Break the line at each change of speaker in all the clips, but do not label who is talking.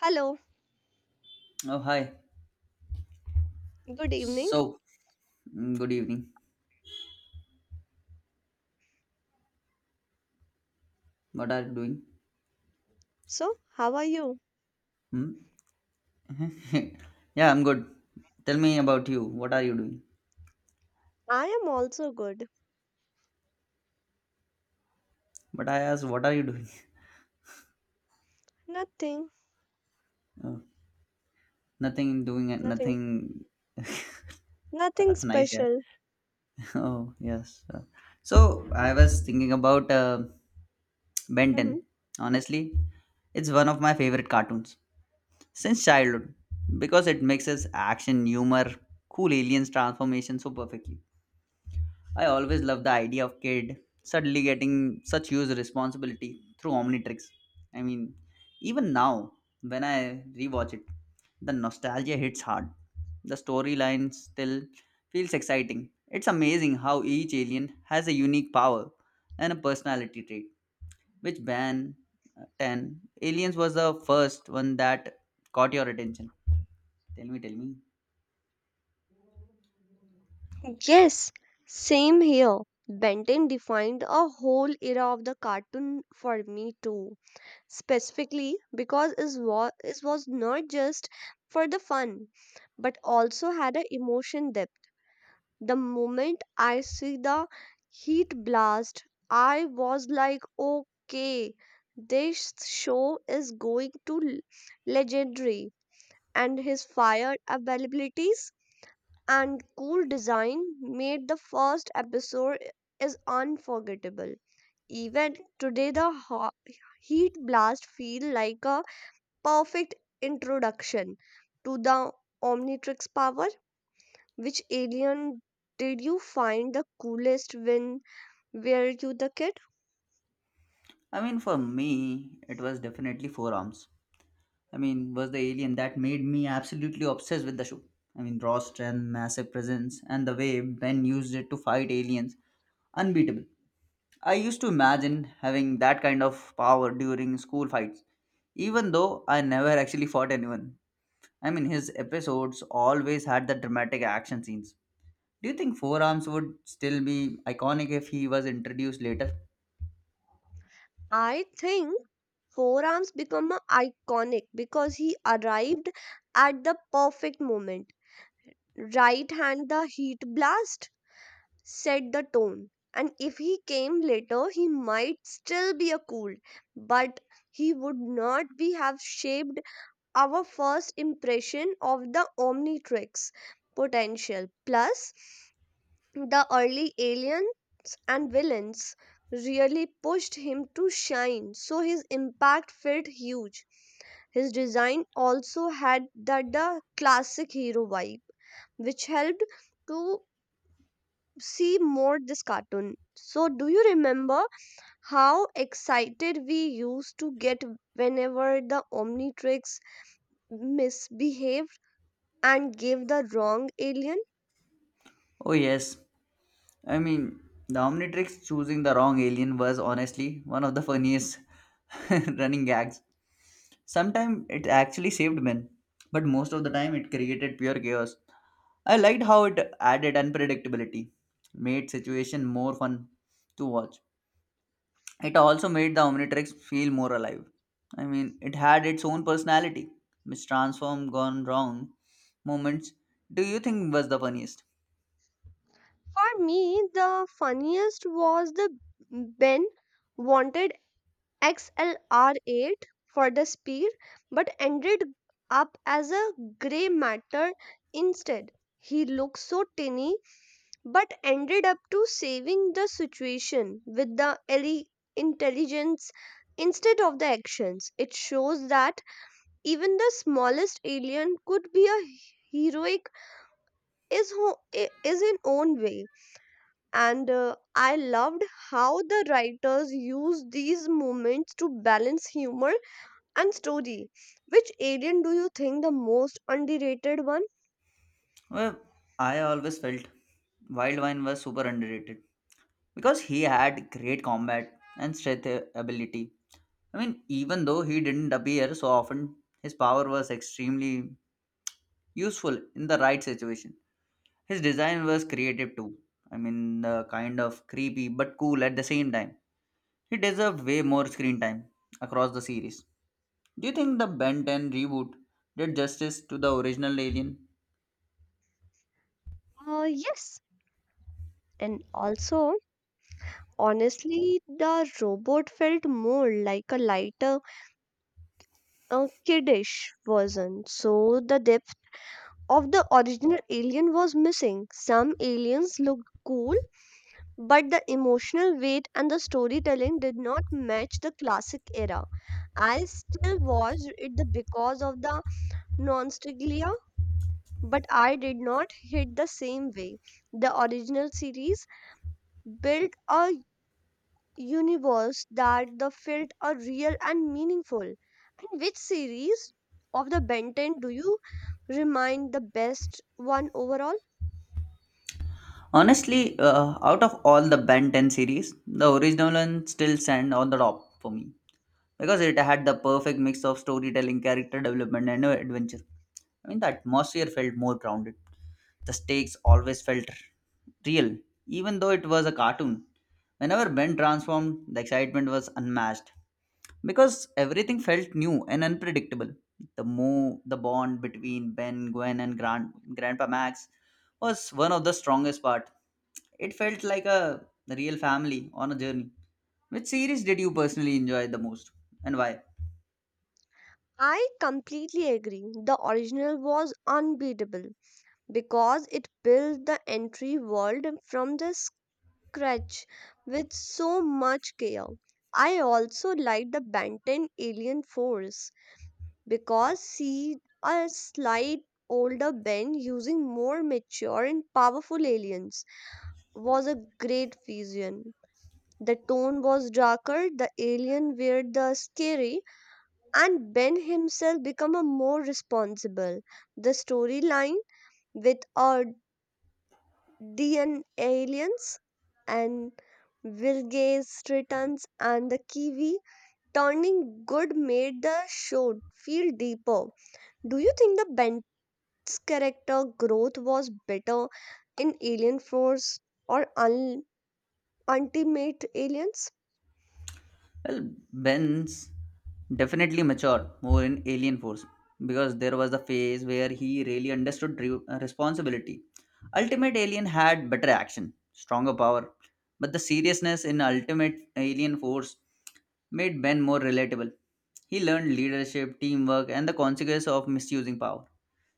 Hello,
Oh, hi.
good evening.
So, Good evening. What are you doing?
So, how are you?
Hmm? Yeah, I'm good. Tell me about you. What are you doing?
I am also good.
But I asked, what are you doing?
Nothing,
Oh, nothing doing,
nothing,
nothing.
nothing
That's nice, yeah.
special.
Oh, yes. So, I was thinking about Ben 10.
Mhm.
Honestly, it's one of my favorite cartoons since childhood because it mixes action, humor, cool aliens transformation so perfectly. I always love the idea of kid suddenly getting such huge responsibility through Omnitrix. I mean, Even now when I rewatch it, the nostalgia hits hard. The storyline still feels exciting. It's amazing how each alien has a unique power and a personality trait. Which band 10 aliens was the first one that caught your attention? Tell me, tell me.
Yes, same here. Benton defined a whole era of the cartoon for me too. Specifically because it was not just for the fun, but also had an emotion depth. The moment I see the heat blast, I was like, okay, this show is going to legendary. And his fire availabilities and cool design made the first episode is unforgettable. Even today, the heat blast feel like a perfect introduction to the Omnitrix power. Which alien did you find the coolest when were you the kid?
For me, it was definitely forearms. Was the alien that made me absolutely obsessed with the show. Raw strength, massive presence, and the way Ben used it to fight aliens, unbeatable. I used to imagine having that kind of power during school fights, even though I never actually fought anyone. His episodes always had the dramatic action scenes. Do you think Forearms would still be iconic if he was introduced later?
I think Four Arms become a iconic because he arrived at the perfect moment. Right hand the heat blast set the tone. And if he came later, he might still be a cool, but he would not be have shaped our first impression of the Omnitrix potential. Plus, the early aliens and villains really pushed him to shine, so his impact felt huge. His design also had that the classic hero vibe, which helped to see more this cartoon. So, do you remember how excited we used to get whenever the Omnitrix misbehaved and gave the wrong alien?
Oh, yes. I mean, the Omnitrix choosing the wrong alien was honestly one of the funniest running gags. Sometimes it actually saved men, but most of the time it created pure chaos. I liked how it added unpredictability, made situation more fun to watch. It also made the Omnitrix feel more alive. It had its own personality, which transformed gone wrong moments. Do you think was the funniest?
For me, the funniest was the Ben wanted XLR8 for the speed but ended up as a grey matter instead. He looked so tinny but ended up to saving the situation with the intelligence instead of the actions. It shows that even the smallest alien could be a heroic is ho- is in own way, and I loved how the writers used these moments to balance humor and story. Which alien do you think the most underrated one?
Well, I always felt Wildvine was super underrated because he had great combat and strength ability. Even though he didn't appear so often, his power was extremely useful in the right situation. His design was creative too. Kind of creepy but cool at the same time. He deserved way more screen time across the series. Do you think the Ben 10 reboot did justice to the original Alien?
Yes, and also honestly the robot felt more like a lighter uh, kiddish version, so the depth of the original alien was missing. Some aliens looked cool, but the emotional weight and the storytelling did not match the classic era. I still watched it because of the nostalgia, but I did not hit the same way. The original series built a universe that the felt are real and meaningful. And which series of the Ben 10 do you remind the best one overall?
Honestly, out of all the Ben 10 series, the original one still stand on the top for me, because it had the perfect mix of storytelling, character development, and adventure. The atmosphere felt more grounded. The stakes always felt real, even though it was a cartoon. Whenever Ben transformed, the excitement was unmatched because everything felt new and unpredictable. The move, the bond between Ben, Gwen, and Grandpa Max was one of the strongest part. It felt like a real family on a journey. Which series did you personally enjoy the most, and why?
I completely agree. The original was unbeatable, because it built the entry world from the scratch with so much care. I also like the Benton Alien Force because see a slight older Ben using more mature and powerful aliens was a great vision. The tone was darker, the alien were the scary, and Ben himself become a more responsible. The storyline with a DN aliens and Wilgate's returns and the Kiwi turning good made the show feel deeper. Do you think the Bent's character growth was better in Alien Force or Ultimate Aliens?
Well, Ben's definitely matured more in Alien Force because there was the phase where he really understood responsibility. Ultimate Alien had better action, stronger power, but the seriousness in Ultimate Alien Force made Ben more relatable. He learned leadership, teamwork, and the consequence of misusing power.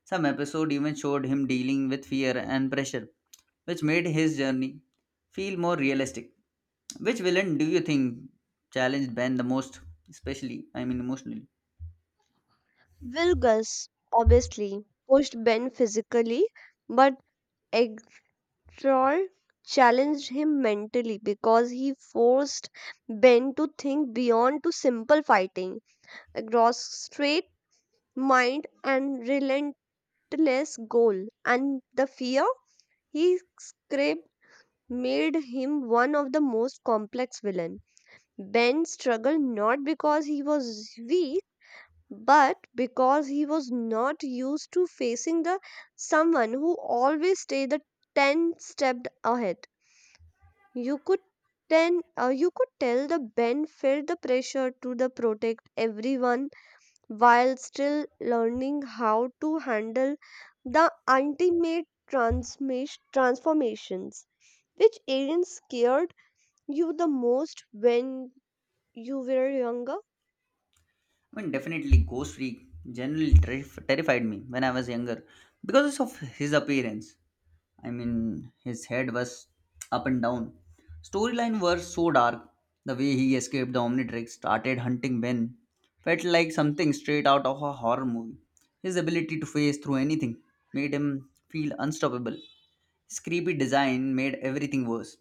Some episode even showed him dealing with fear and pressure, which made his journey feel more realistic. Which villain do you think challenged Ben the most, especially, emotionally?
Wilgus obviously pushed Ben physically, but Troy challenged him mentally because he forced Ben to think beyond to simple fighting, across straight mind and relentless goal, and the fear he scraped made him one of the most complex villain. Ben struggled not because he was weak, but because he was not used to facing the someone who always stayed the ten stepped ahead. You could then you could tell the Ben felt the pressure to the protect everyone while still learning how to handle the ultimate transformations. Which alien scared you the most when you were younger?
Definitely Ghost Freak generally terrified me when I was younger because of his appearance. His head was up and down. Storyline were so dark. The way he escaped the Omnitrix, started hunting Ben, felt like something straight out of a horror movie. His ability to phase through anything made him feel unstoppable. His creepy design made everything worse.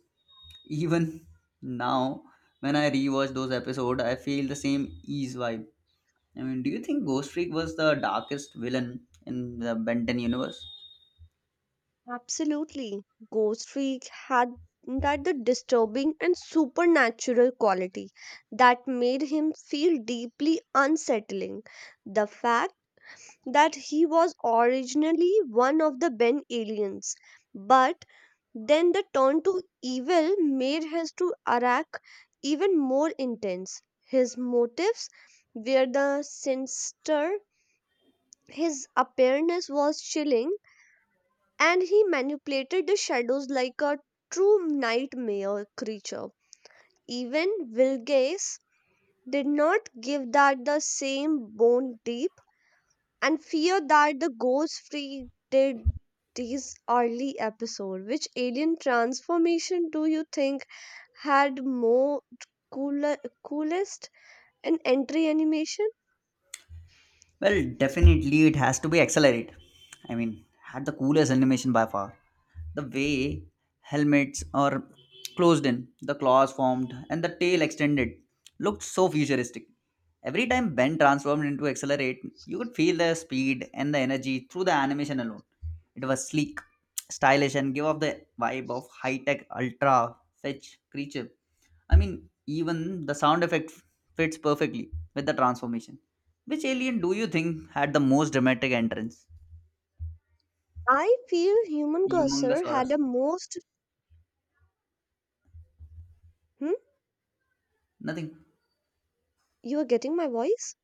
Even now, when I rewatch those episodes, I feel the same ease vibe. Do you think Ghost Freak was the darkest villain in the Benton universe?
Absolutely. Ghost Freak had that the disturbing and supernatural quality that made him feel deeply unsettling. The fact that he was originally one of the Ben aliens, but then the turn to evil made his to Arak even more intense. His motives were the sinister, his appearance was chilling, and he manipulated the shadows like a true nightmare creature. Even Vilgace did not give that the same bone deep and fear that the ghost freak did this early episode. Which alien transformation do you think had more cooler, coolest in entry animation?
Well, definitely it has to be Accelerate. Had the coolest animation by far. The way helmets are closed in, the claws formed, and the tail extended looked so futuristic. Every time Ben transformed into Accelerate, you could feel the speed and the energy through the animation alone. It was sleek, stylish, and gave off the vibe of high tech, ultra fetch creature. Even the sound effect fits perfectly with the transformation. Which alien do you think had the most dramatic entrance?
I feel Human Cursor had
Humongousaurus.
a most. Hmm?
Nothing.
You are getting my voice?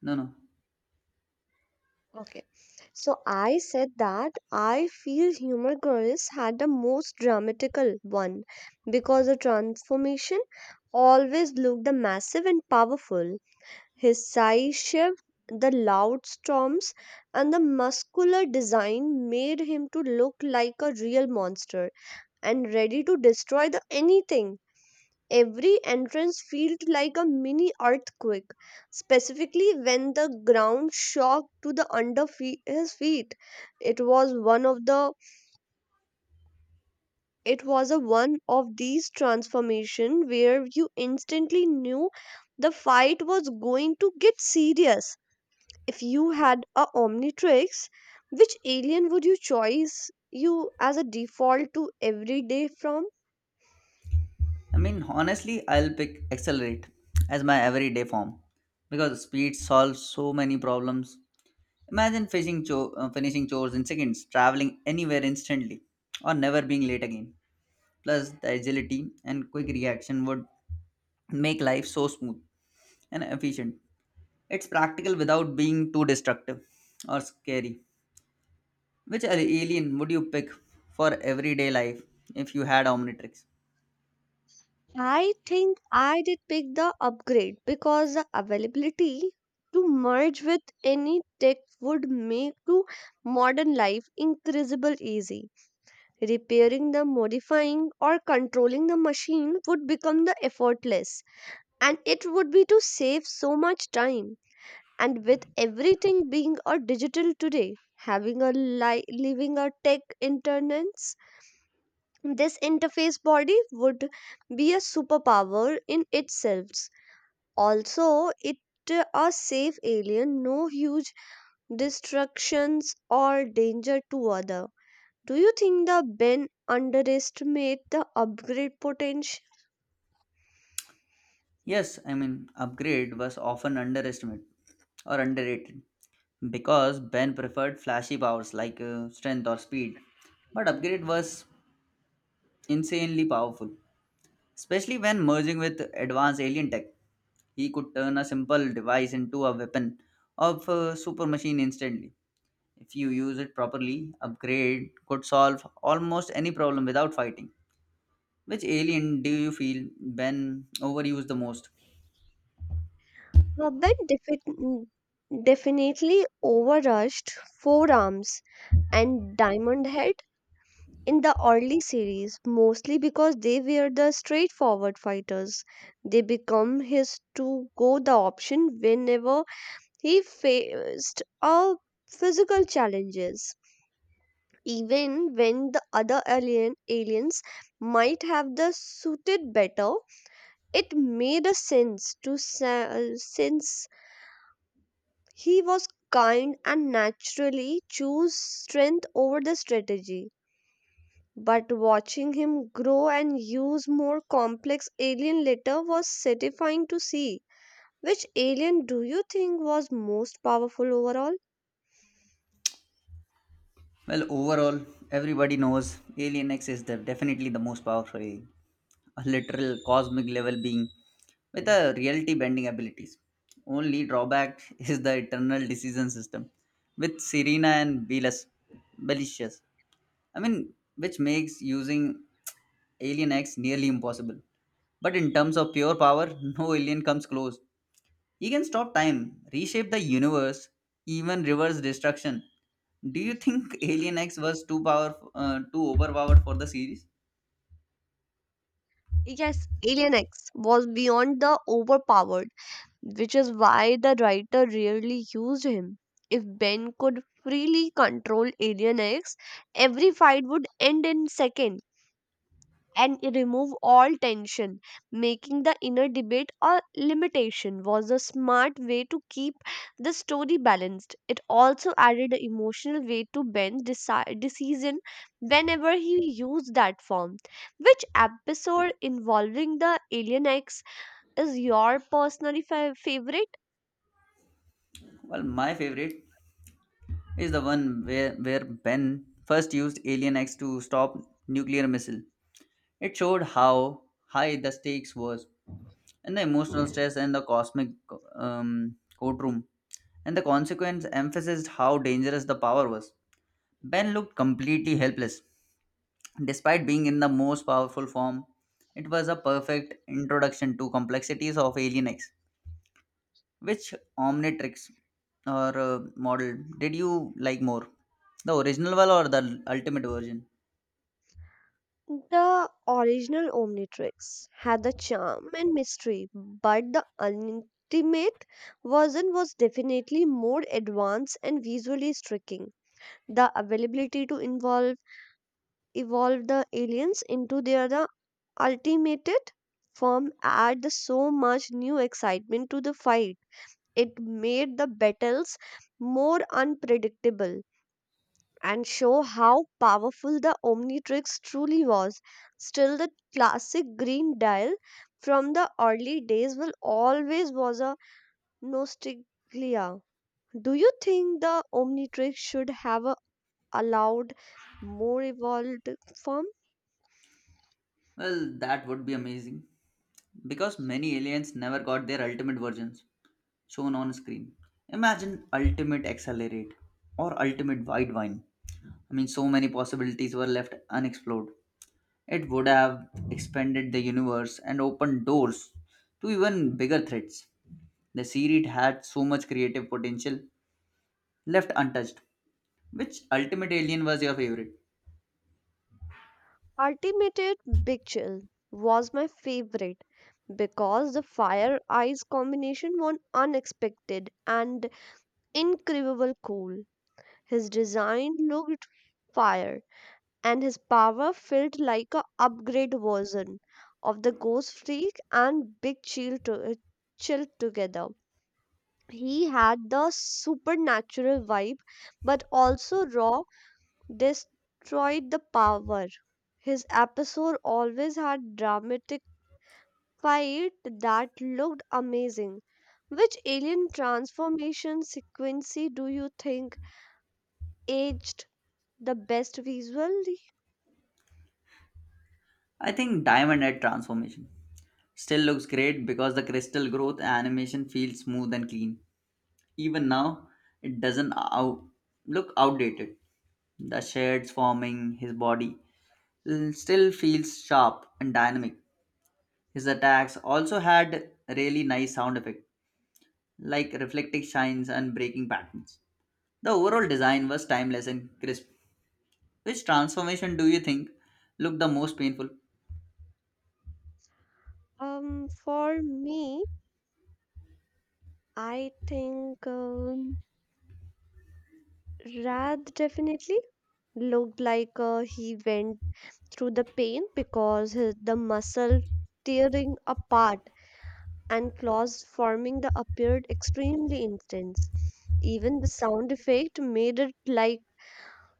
No, no.
Okay. So I said that I feel Human Girls had the most dramatical one because the transformation always looked massive and powerful. His size shift, the loud storms, and the muscular design made him to look like a real monster and ready to destroy the anything. Every entrance felt like a mini earthquake, specifically when the ground shocked to the under his feet. It was one of the it was a one of these transformation where you instantly knew the fight was going to get serious. If you had a omnitrix, which alien would you choose you as a default to every day from?
Honestly, I'll pick Accelerate as my everyday form because speed solves so many problems. Imagine finishing chores in seconds, traveling anywhere instantly, or never being late again. Plus, the agility and quick reaction would make life so smooth and efficient. It's practical without being too destructive or scary. Which alien would you pick for everyday life if you had Omnitrix?
I think I did pick the upgrade because the availability to merge with any tech would make to modern life increasable easy. Repairing the modifying or controlling the machine would become the effortless, and it would be to save so much time. And with everything being a digital today, having a living a tech internets this interface body would be a superpower in itself. Also it, a safe alien, no huge destructions or danger to other. Do you think the ben underestimate the upgrade potential?
Yes, upgrade was often underestimated or underrated because Ben preferred flashy powers like strength or speed. But upgrade was insanely powerful, especially when merging with advanced alien tech. He could turn a simple device into a weapon of super machine instantly. If you use it properly, upgrade could solve almost any problem without fighting. Which alien do you feel when overused the most?
uh, ben defi- Definitely overrushed forearms and diamond head in the early series mostly because they were the straightforward fighters. They become his to go the option whenever he faced a physical challenges. Even when the other alien aliens might have the suited better, it made a sense since he was kind and naturally choose strength over the strategy. But watching him grow and use more complex alien later was satisfying to see. Which alien do you think was most powerful overall?
Well, overall, everybody knows Alien X is the, definitely the most powerful alien, a literal cosmic level being with a reality bending abilities. Only drawback is the eternal decision system with Serena and Belicious. Which makes using Alien X nearly impossible. But in terms of pure power, no alien comes close. He can stop time, reshape the universe, even reverse destruction. Do you think Alien X was too overpowered for the series?
Yes, Alien X was beyond the overpowered, which is why the writer rarely used him. If Ben could freely control Alien X, every fight would end in seconds and remove all tension, making the inner debate a limitation was a smart way to keep the story balanced. It also added an emotional way to Ben's decision whenever he used that form. Which episode involving the alien X is your personally favorite?
Well, my favorite is the one where Ben first used Alien X to stop nuclear missile. It showed how high the stakes was, and the emotional stress and the cosmic courtroom, and the consequence emphasized how dangerous the power was. Ben looked completely helpless, despite being in the most powerful form, it was a perfect introduction to complexities of Alien X. Which Omnitrix or model did you like more? The original one or the ultimate version?
The original Omnitrix had the charm and mystery, but the Ultimate version was definitely more advanced and visually striking. The availability to involve evolve the aliens into their the ultimated form added so much new excitement to the fight. It made the battles more unpredictable and show how powerful the Omnitrix truly was. Still, the classic green dial from the early days will always was a nostalgia. Do you think the Omnitrix should have a allowed more evolved form?
Well, that would be amazing because many aliens never got their ultimate versions shown on screen. Imagine Ultimate Accelerate or Ultimate Wide Vine. So many possibilities were left unexplored. It would have expanded the universe and opened doors to even bigger threats. The series had so much creative potential left untouched. Which Ultimate Alien was your favorite?
Ultimate Big Chill was my favorite because the fire eyes combination was unexpected and incredible cool. His design looked fire and his power felt like a upgrade version of the ghost freak and big chill, chill together. He had the supernatural vibe but also raw destroyed the power. His episode always had dramatic fight that looked amazing. Which alien transformation sequence do you think aged the best visually?
I think Diamond Head Transformation. Still looks great because the crystal growth animation feels smooth and clean. Even now, it doesn't look outdated. The shades forming his body still feels sharp and dynamic. His attacks also had really nice sound effect like reflecting shines and breaking patterns. The overall design was timeless and crisp. Which transformation do you think looked the most painful?
For me, I think Rad definitely looked like he went through the pain because his, the muscle tearing apart and claws forming the appeared extremely intense. Even the sound effect made it like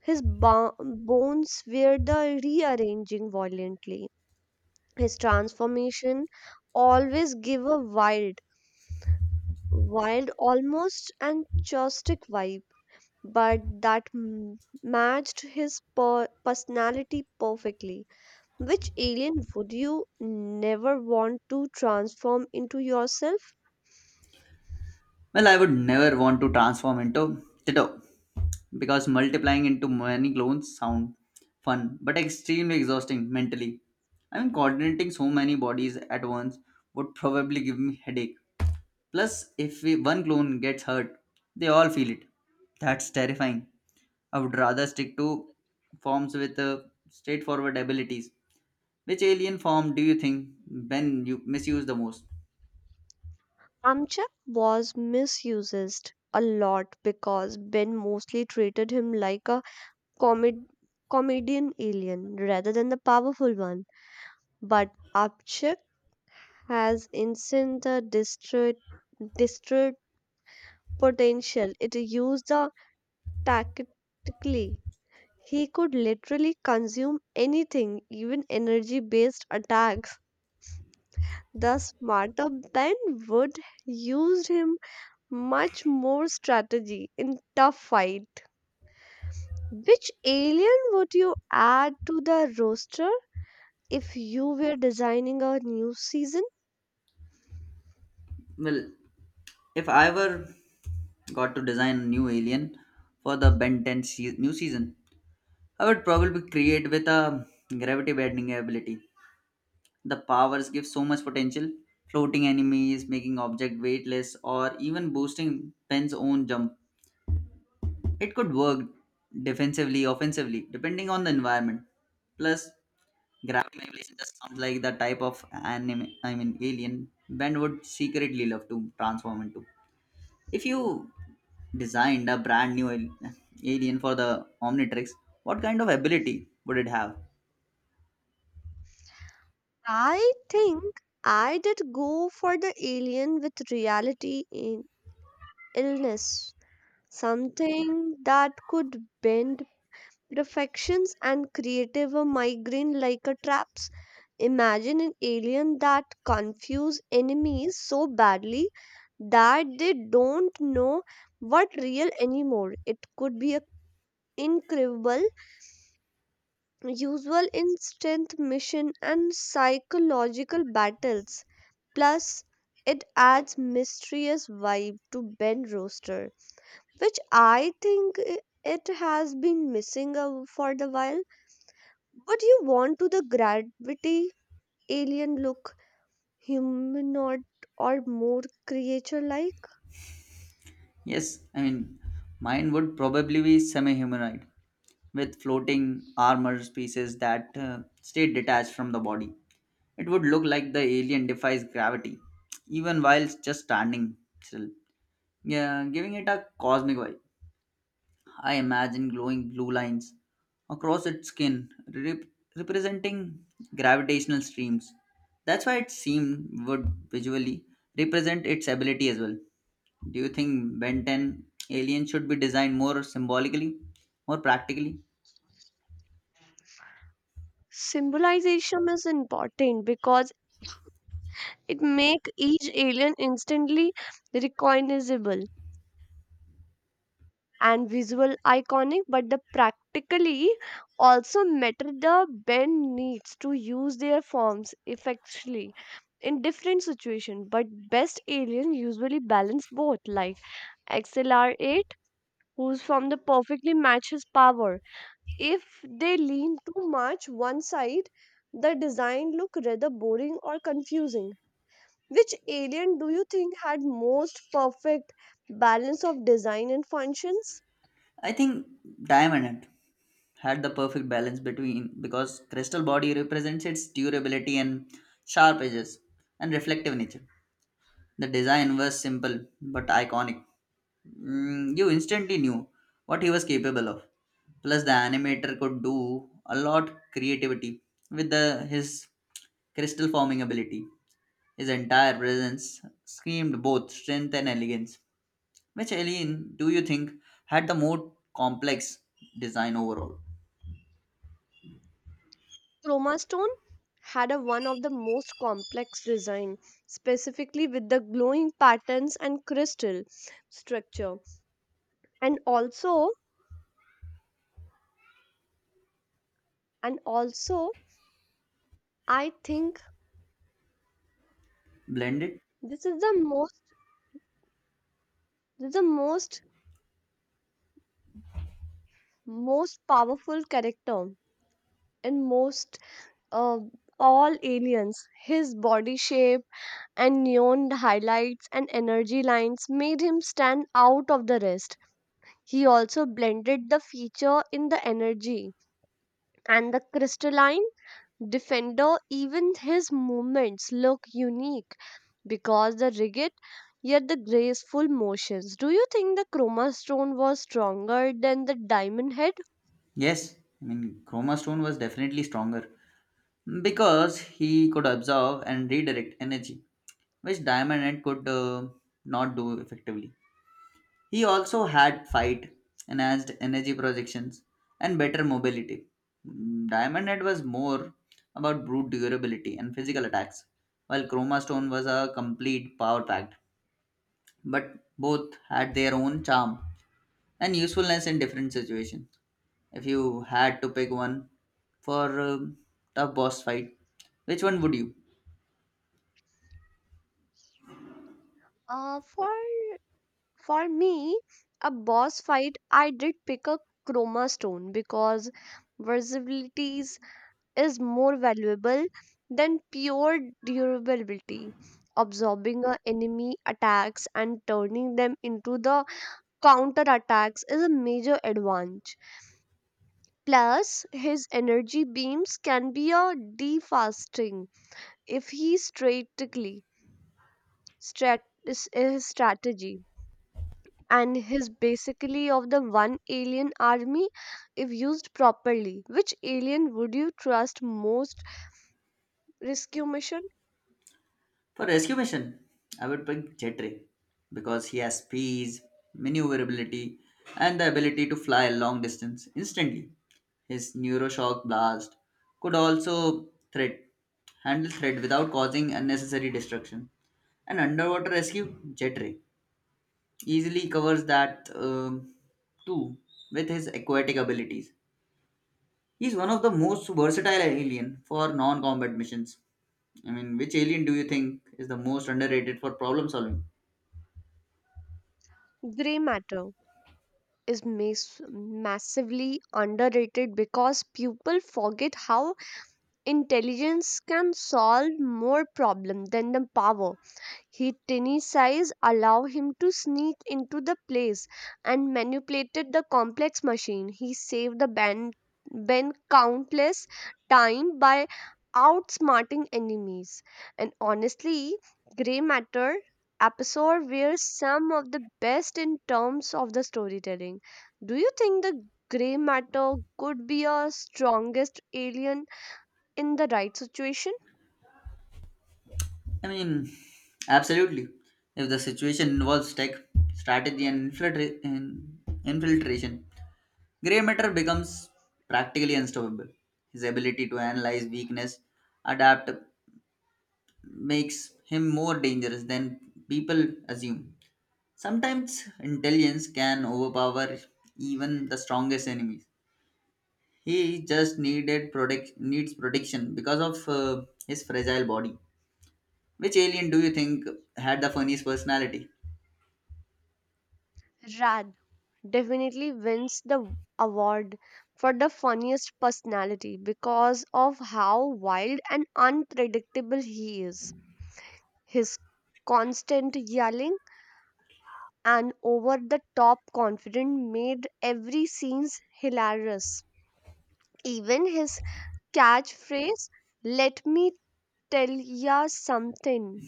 his bones were the rearranging violently. His transformation always give a wild, almost and chaotic vibe but that matched his personality perfectly. Which alien would you never want to transform into yourself?
Well, I would never want to transform into Tito because multiplying into many clones sound fun but extremely exhausting mentally. Coordinating so many bodies at once would probably give me headache. Plus, if we, one clone gets hurt, they all feel it. That's terrifying. I would rather stick to forms with straightforward abilities. Which alien form do you think Ben you misuse the most?
Amchak was misused a lot because Ben mostly treated him like a comed- comedian alien rather than the powerful one. But Amchak has instant the distraught potential. It used the tactically. He could literally consume anything, even energy based attacks. The smarter Ben would used him much more strategy in tough fight. Which alien would you add to the roster if you were designing a new season?
Well, if I were got to design a new alien for the Ben 10 new season, I would probably create with a gravity bending ability. The powers give so much potential, floating enemies, making object weightless, or even boosting Ben's own jump. It could work defensively, offensively, depending on the environment. Plus, graphic manipulation just sounds like the type of anime, alien Ben would secretly love to transform into. If you designed a brand new alien for the Omnitrix, what kind of ability would it have?
I think I did go for the alien with reality in illness. Something that could bend reflections and creative a migraine like a traps. Imagine an alien that confuse enemies so badly that they don't know what real anymore. It could be a incredible usual in strength mission and psychological battles. Plus, it adds mysterious vibe to Ben Roaster, which I think it has been missing for the while. Would you want to the gravity alien look humanoid or more creature like?
Yes, mine would probably be semi humanoid with floating armor pieces that stay detached from the body. It would look like the alien defies gravity, even while just standing still. Yeah, giving it a cosmic vibe. I imagine glowing blue lines across its skin representing gravitational streams. That's why it seemed would visually represent its ability as well. Do you think Ben 10 aliens should be designed more symbolically, more practically?
Symbolization is important because it make each alien instantly recognizable and visual iconic, but the practically also matter. The band needs to use their forms effectively in different situations, but best alien usually balance both like accelerate, who's from the perfectly matches power. If they lean too much one side, the design look rather boring or confusing. Which alien do you think had most perfect balance of design and functions?
I think Diamond Head had the perfect balance between because crystal body represents its durability and sharp edges and reflective nature. The design was simple but iconic. Mm, you instantly knew what he was capable of. Plus, the animator could do a lot creativity with the, his crystal forming ability. His entire presence screamed both strength and elegance. Which alien do you think had the more complex design overall?
Chroma Stone had a one of the most complex design, specifically with the glowing patterns and crystal structure. And also, and also, I think
Blended?
this is the most this is the most most powerful character in most, uh, all aliens. His body shape and neon highlights and energy lines made him stand out of the rest. He also blended the feature in the energy and the crystalline defender. Even his movements look unique because the rigid yet the graceful motions. Do you think the chroma stone was stronger than the diamond head?
Yes, Chroma Stone was definitely stronger because he could absorb and redirect energy, which Diamond Head could not do effectively. He also had fight, enhanced energy projections, and better mobility. Mm, Diamond Head was more about brute durability and physical attacks, while Chroma Stone was a complete power pack. But both had their own charm and usefulness in different situations. If you had to pick one for a tough boss fight, which one would you?
Uh, for For me, a boss fight, I did pick a chroma stone because versatility is more valuable than pure durability. Absorbing a enemy attacks and turning them into the counter attacks is a major advantage. Plus, his energy beams can be a defasting if he strategically is strategy, and his basically of the one alien army if used properly. Which alien would you trust most rescue mission?
For rescue mission, I would pick Jetray because he has speed, maneuverability, and the ability to fly a long distance instantly. His neuroshock blast could also threat handle threat without causing unnecessary destruction. An underwater rescue, Jetray easily covers that too with his aquatic abilities. He's one of the most versatile alien for non-combat missions. Which alien do you think is the most underrated for problem solving?
Gray matter is massively underrated because people forget how intelligence can solve more problem than the power. His tiny size allowed him to sneak into the place and manipulated the complex machine. He saved the band countless time by outsmarting enemies. And honestly, Grey Matter episode were some of the best in terms of the storytelling. Do you think the Grey Matter could be our strongest alien in the right situation?
I mean, Absolutely. If the situation involves tech, strategy, and infiltration, Grey Matter becomes practically unstoppable. His ability to analyze weakness, adapt, makes him more dangerous than people assume. Sometimes intelligence can overpower even the strongest enemies. He just needed protect needs protection because of his fragile body. Which alien do you think had the funniest personality?
Rather definitely wins the award for the funniest personality because of how wild and unpredictable he is. His constant yelling and over the top confidence made every scene hilarious. Even his catchphrase, let me tell ya something,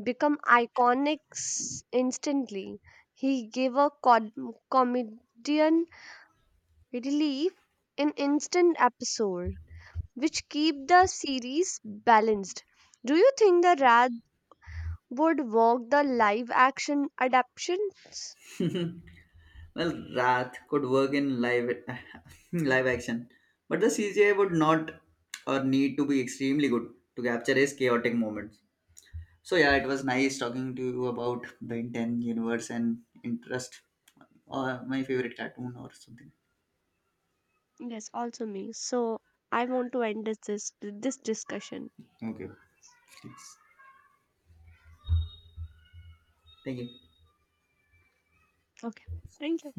become iconic instantly. He gave a comedian relief, and instant episode, which keep the series balanced. Do you think the Rad would walk the live action adaptations?
Well, that could work in live live action, but the CGI would not or need to be extremely good to capture his chaotic moments. So yeah, it was nice talking to you about the Ben 10 universe and interest or my favorite cartoon or something.
Yes, also me. So I want to end this discussion.
Okay, please. Thank you.
Okay. Thank you.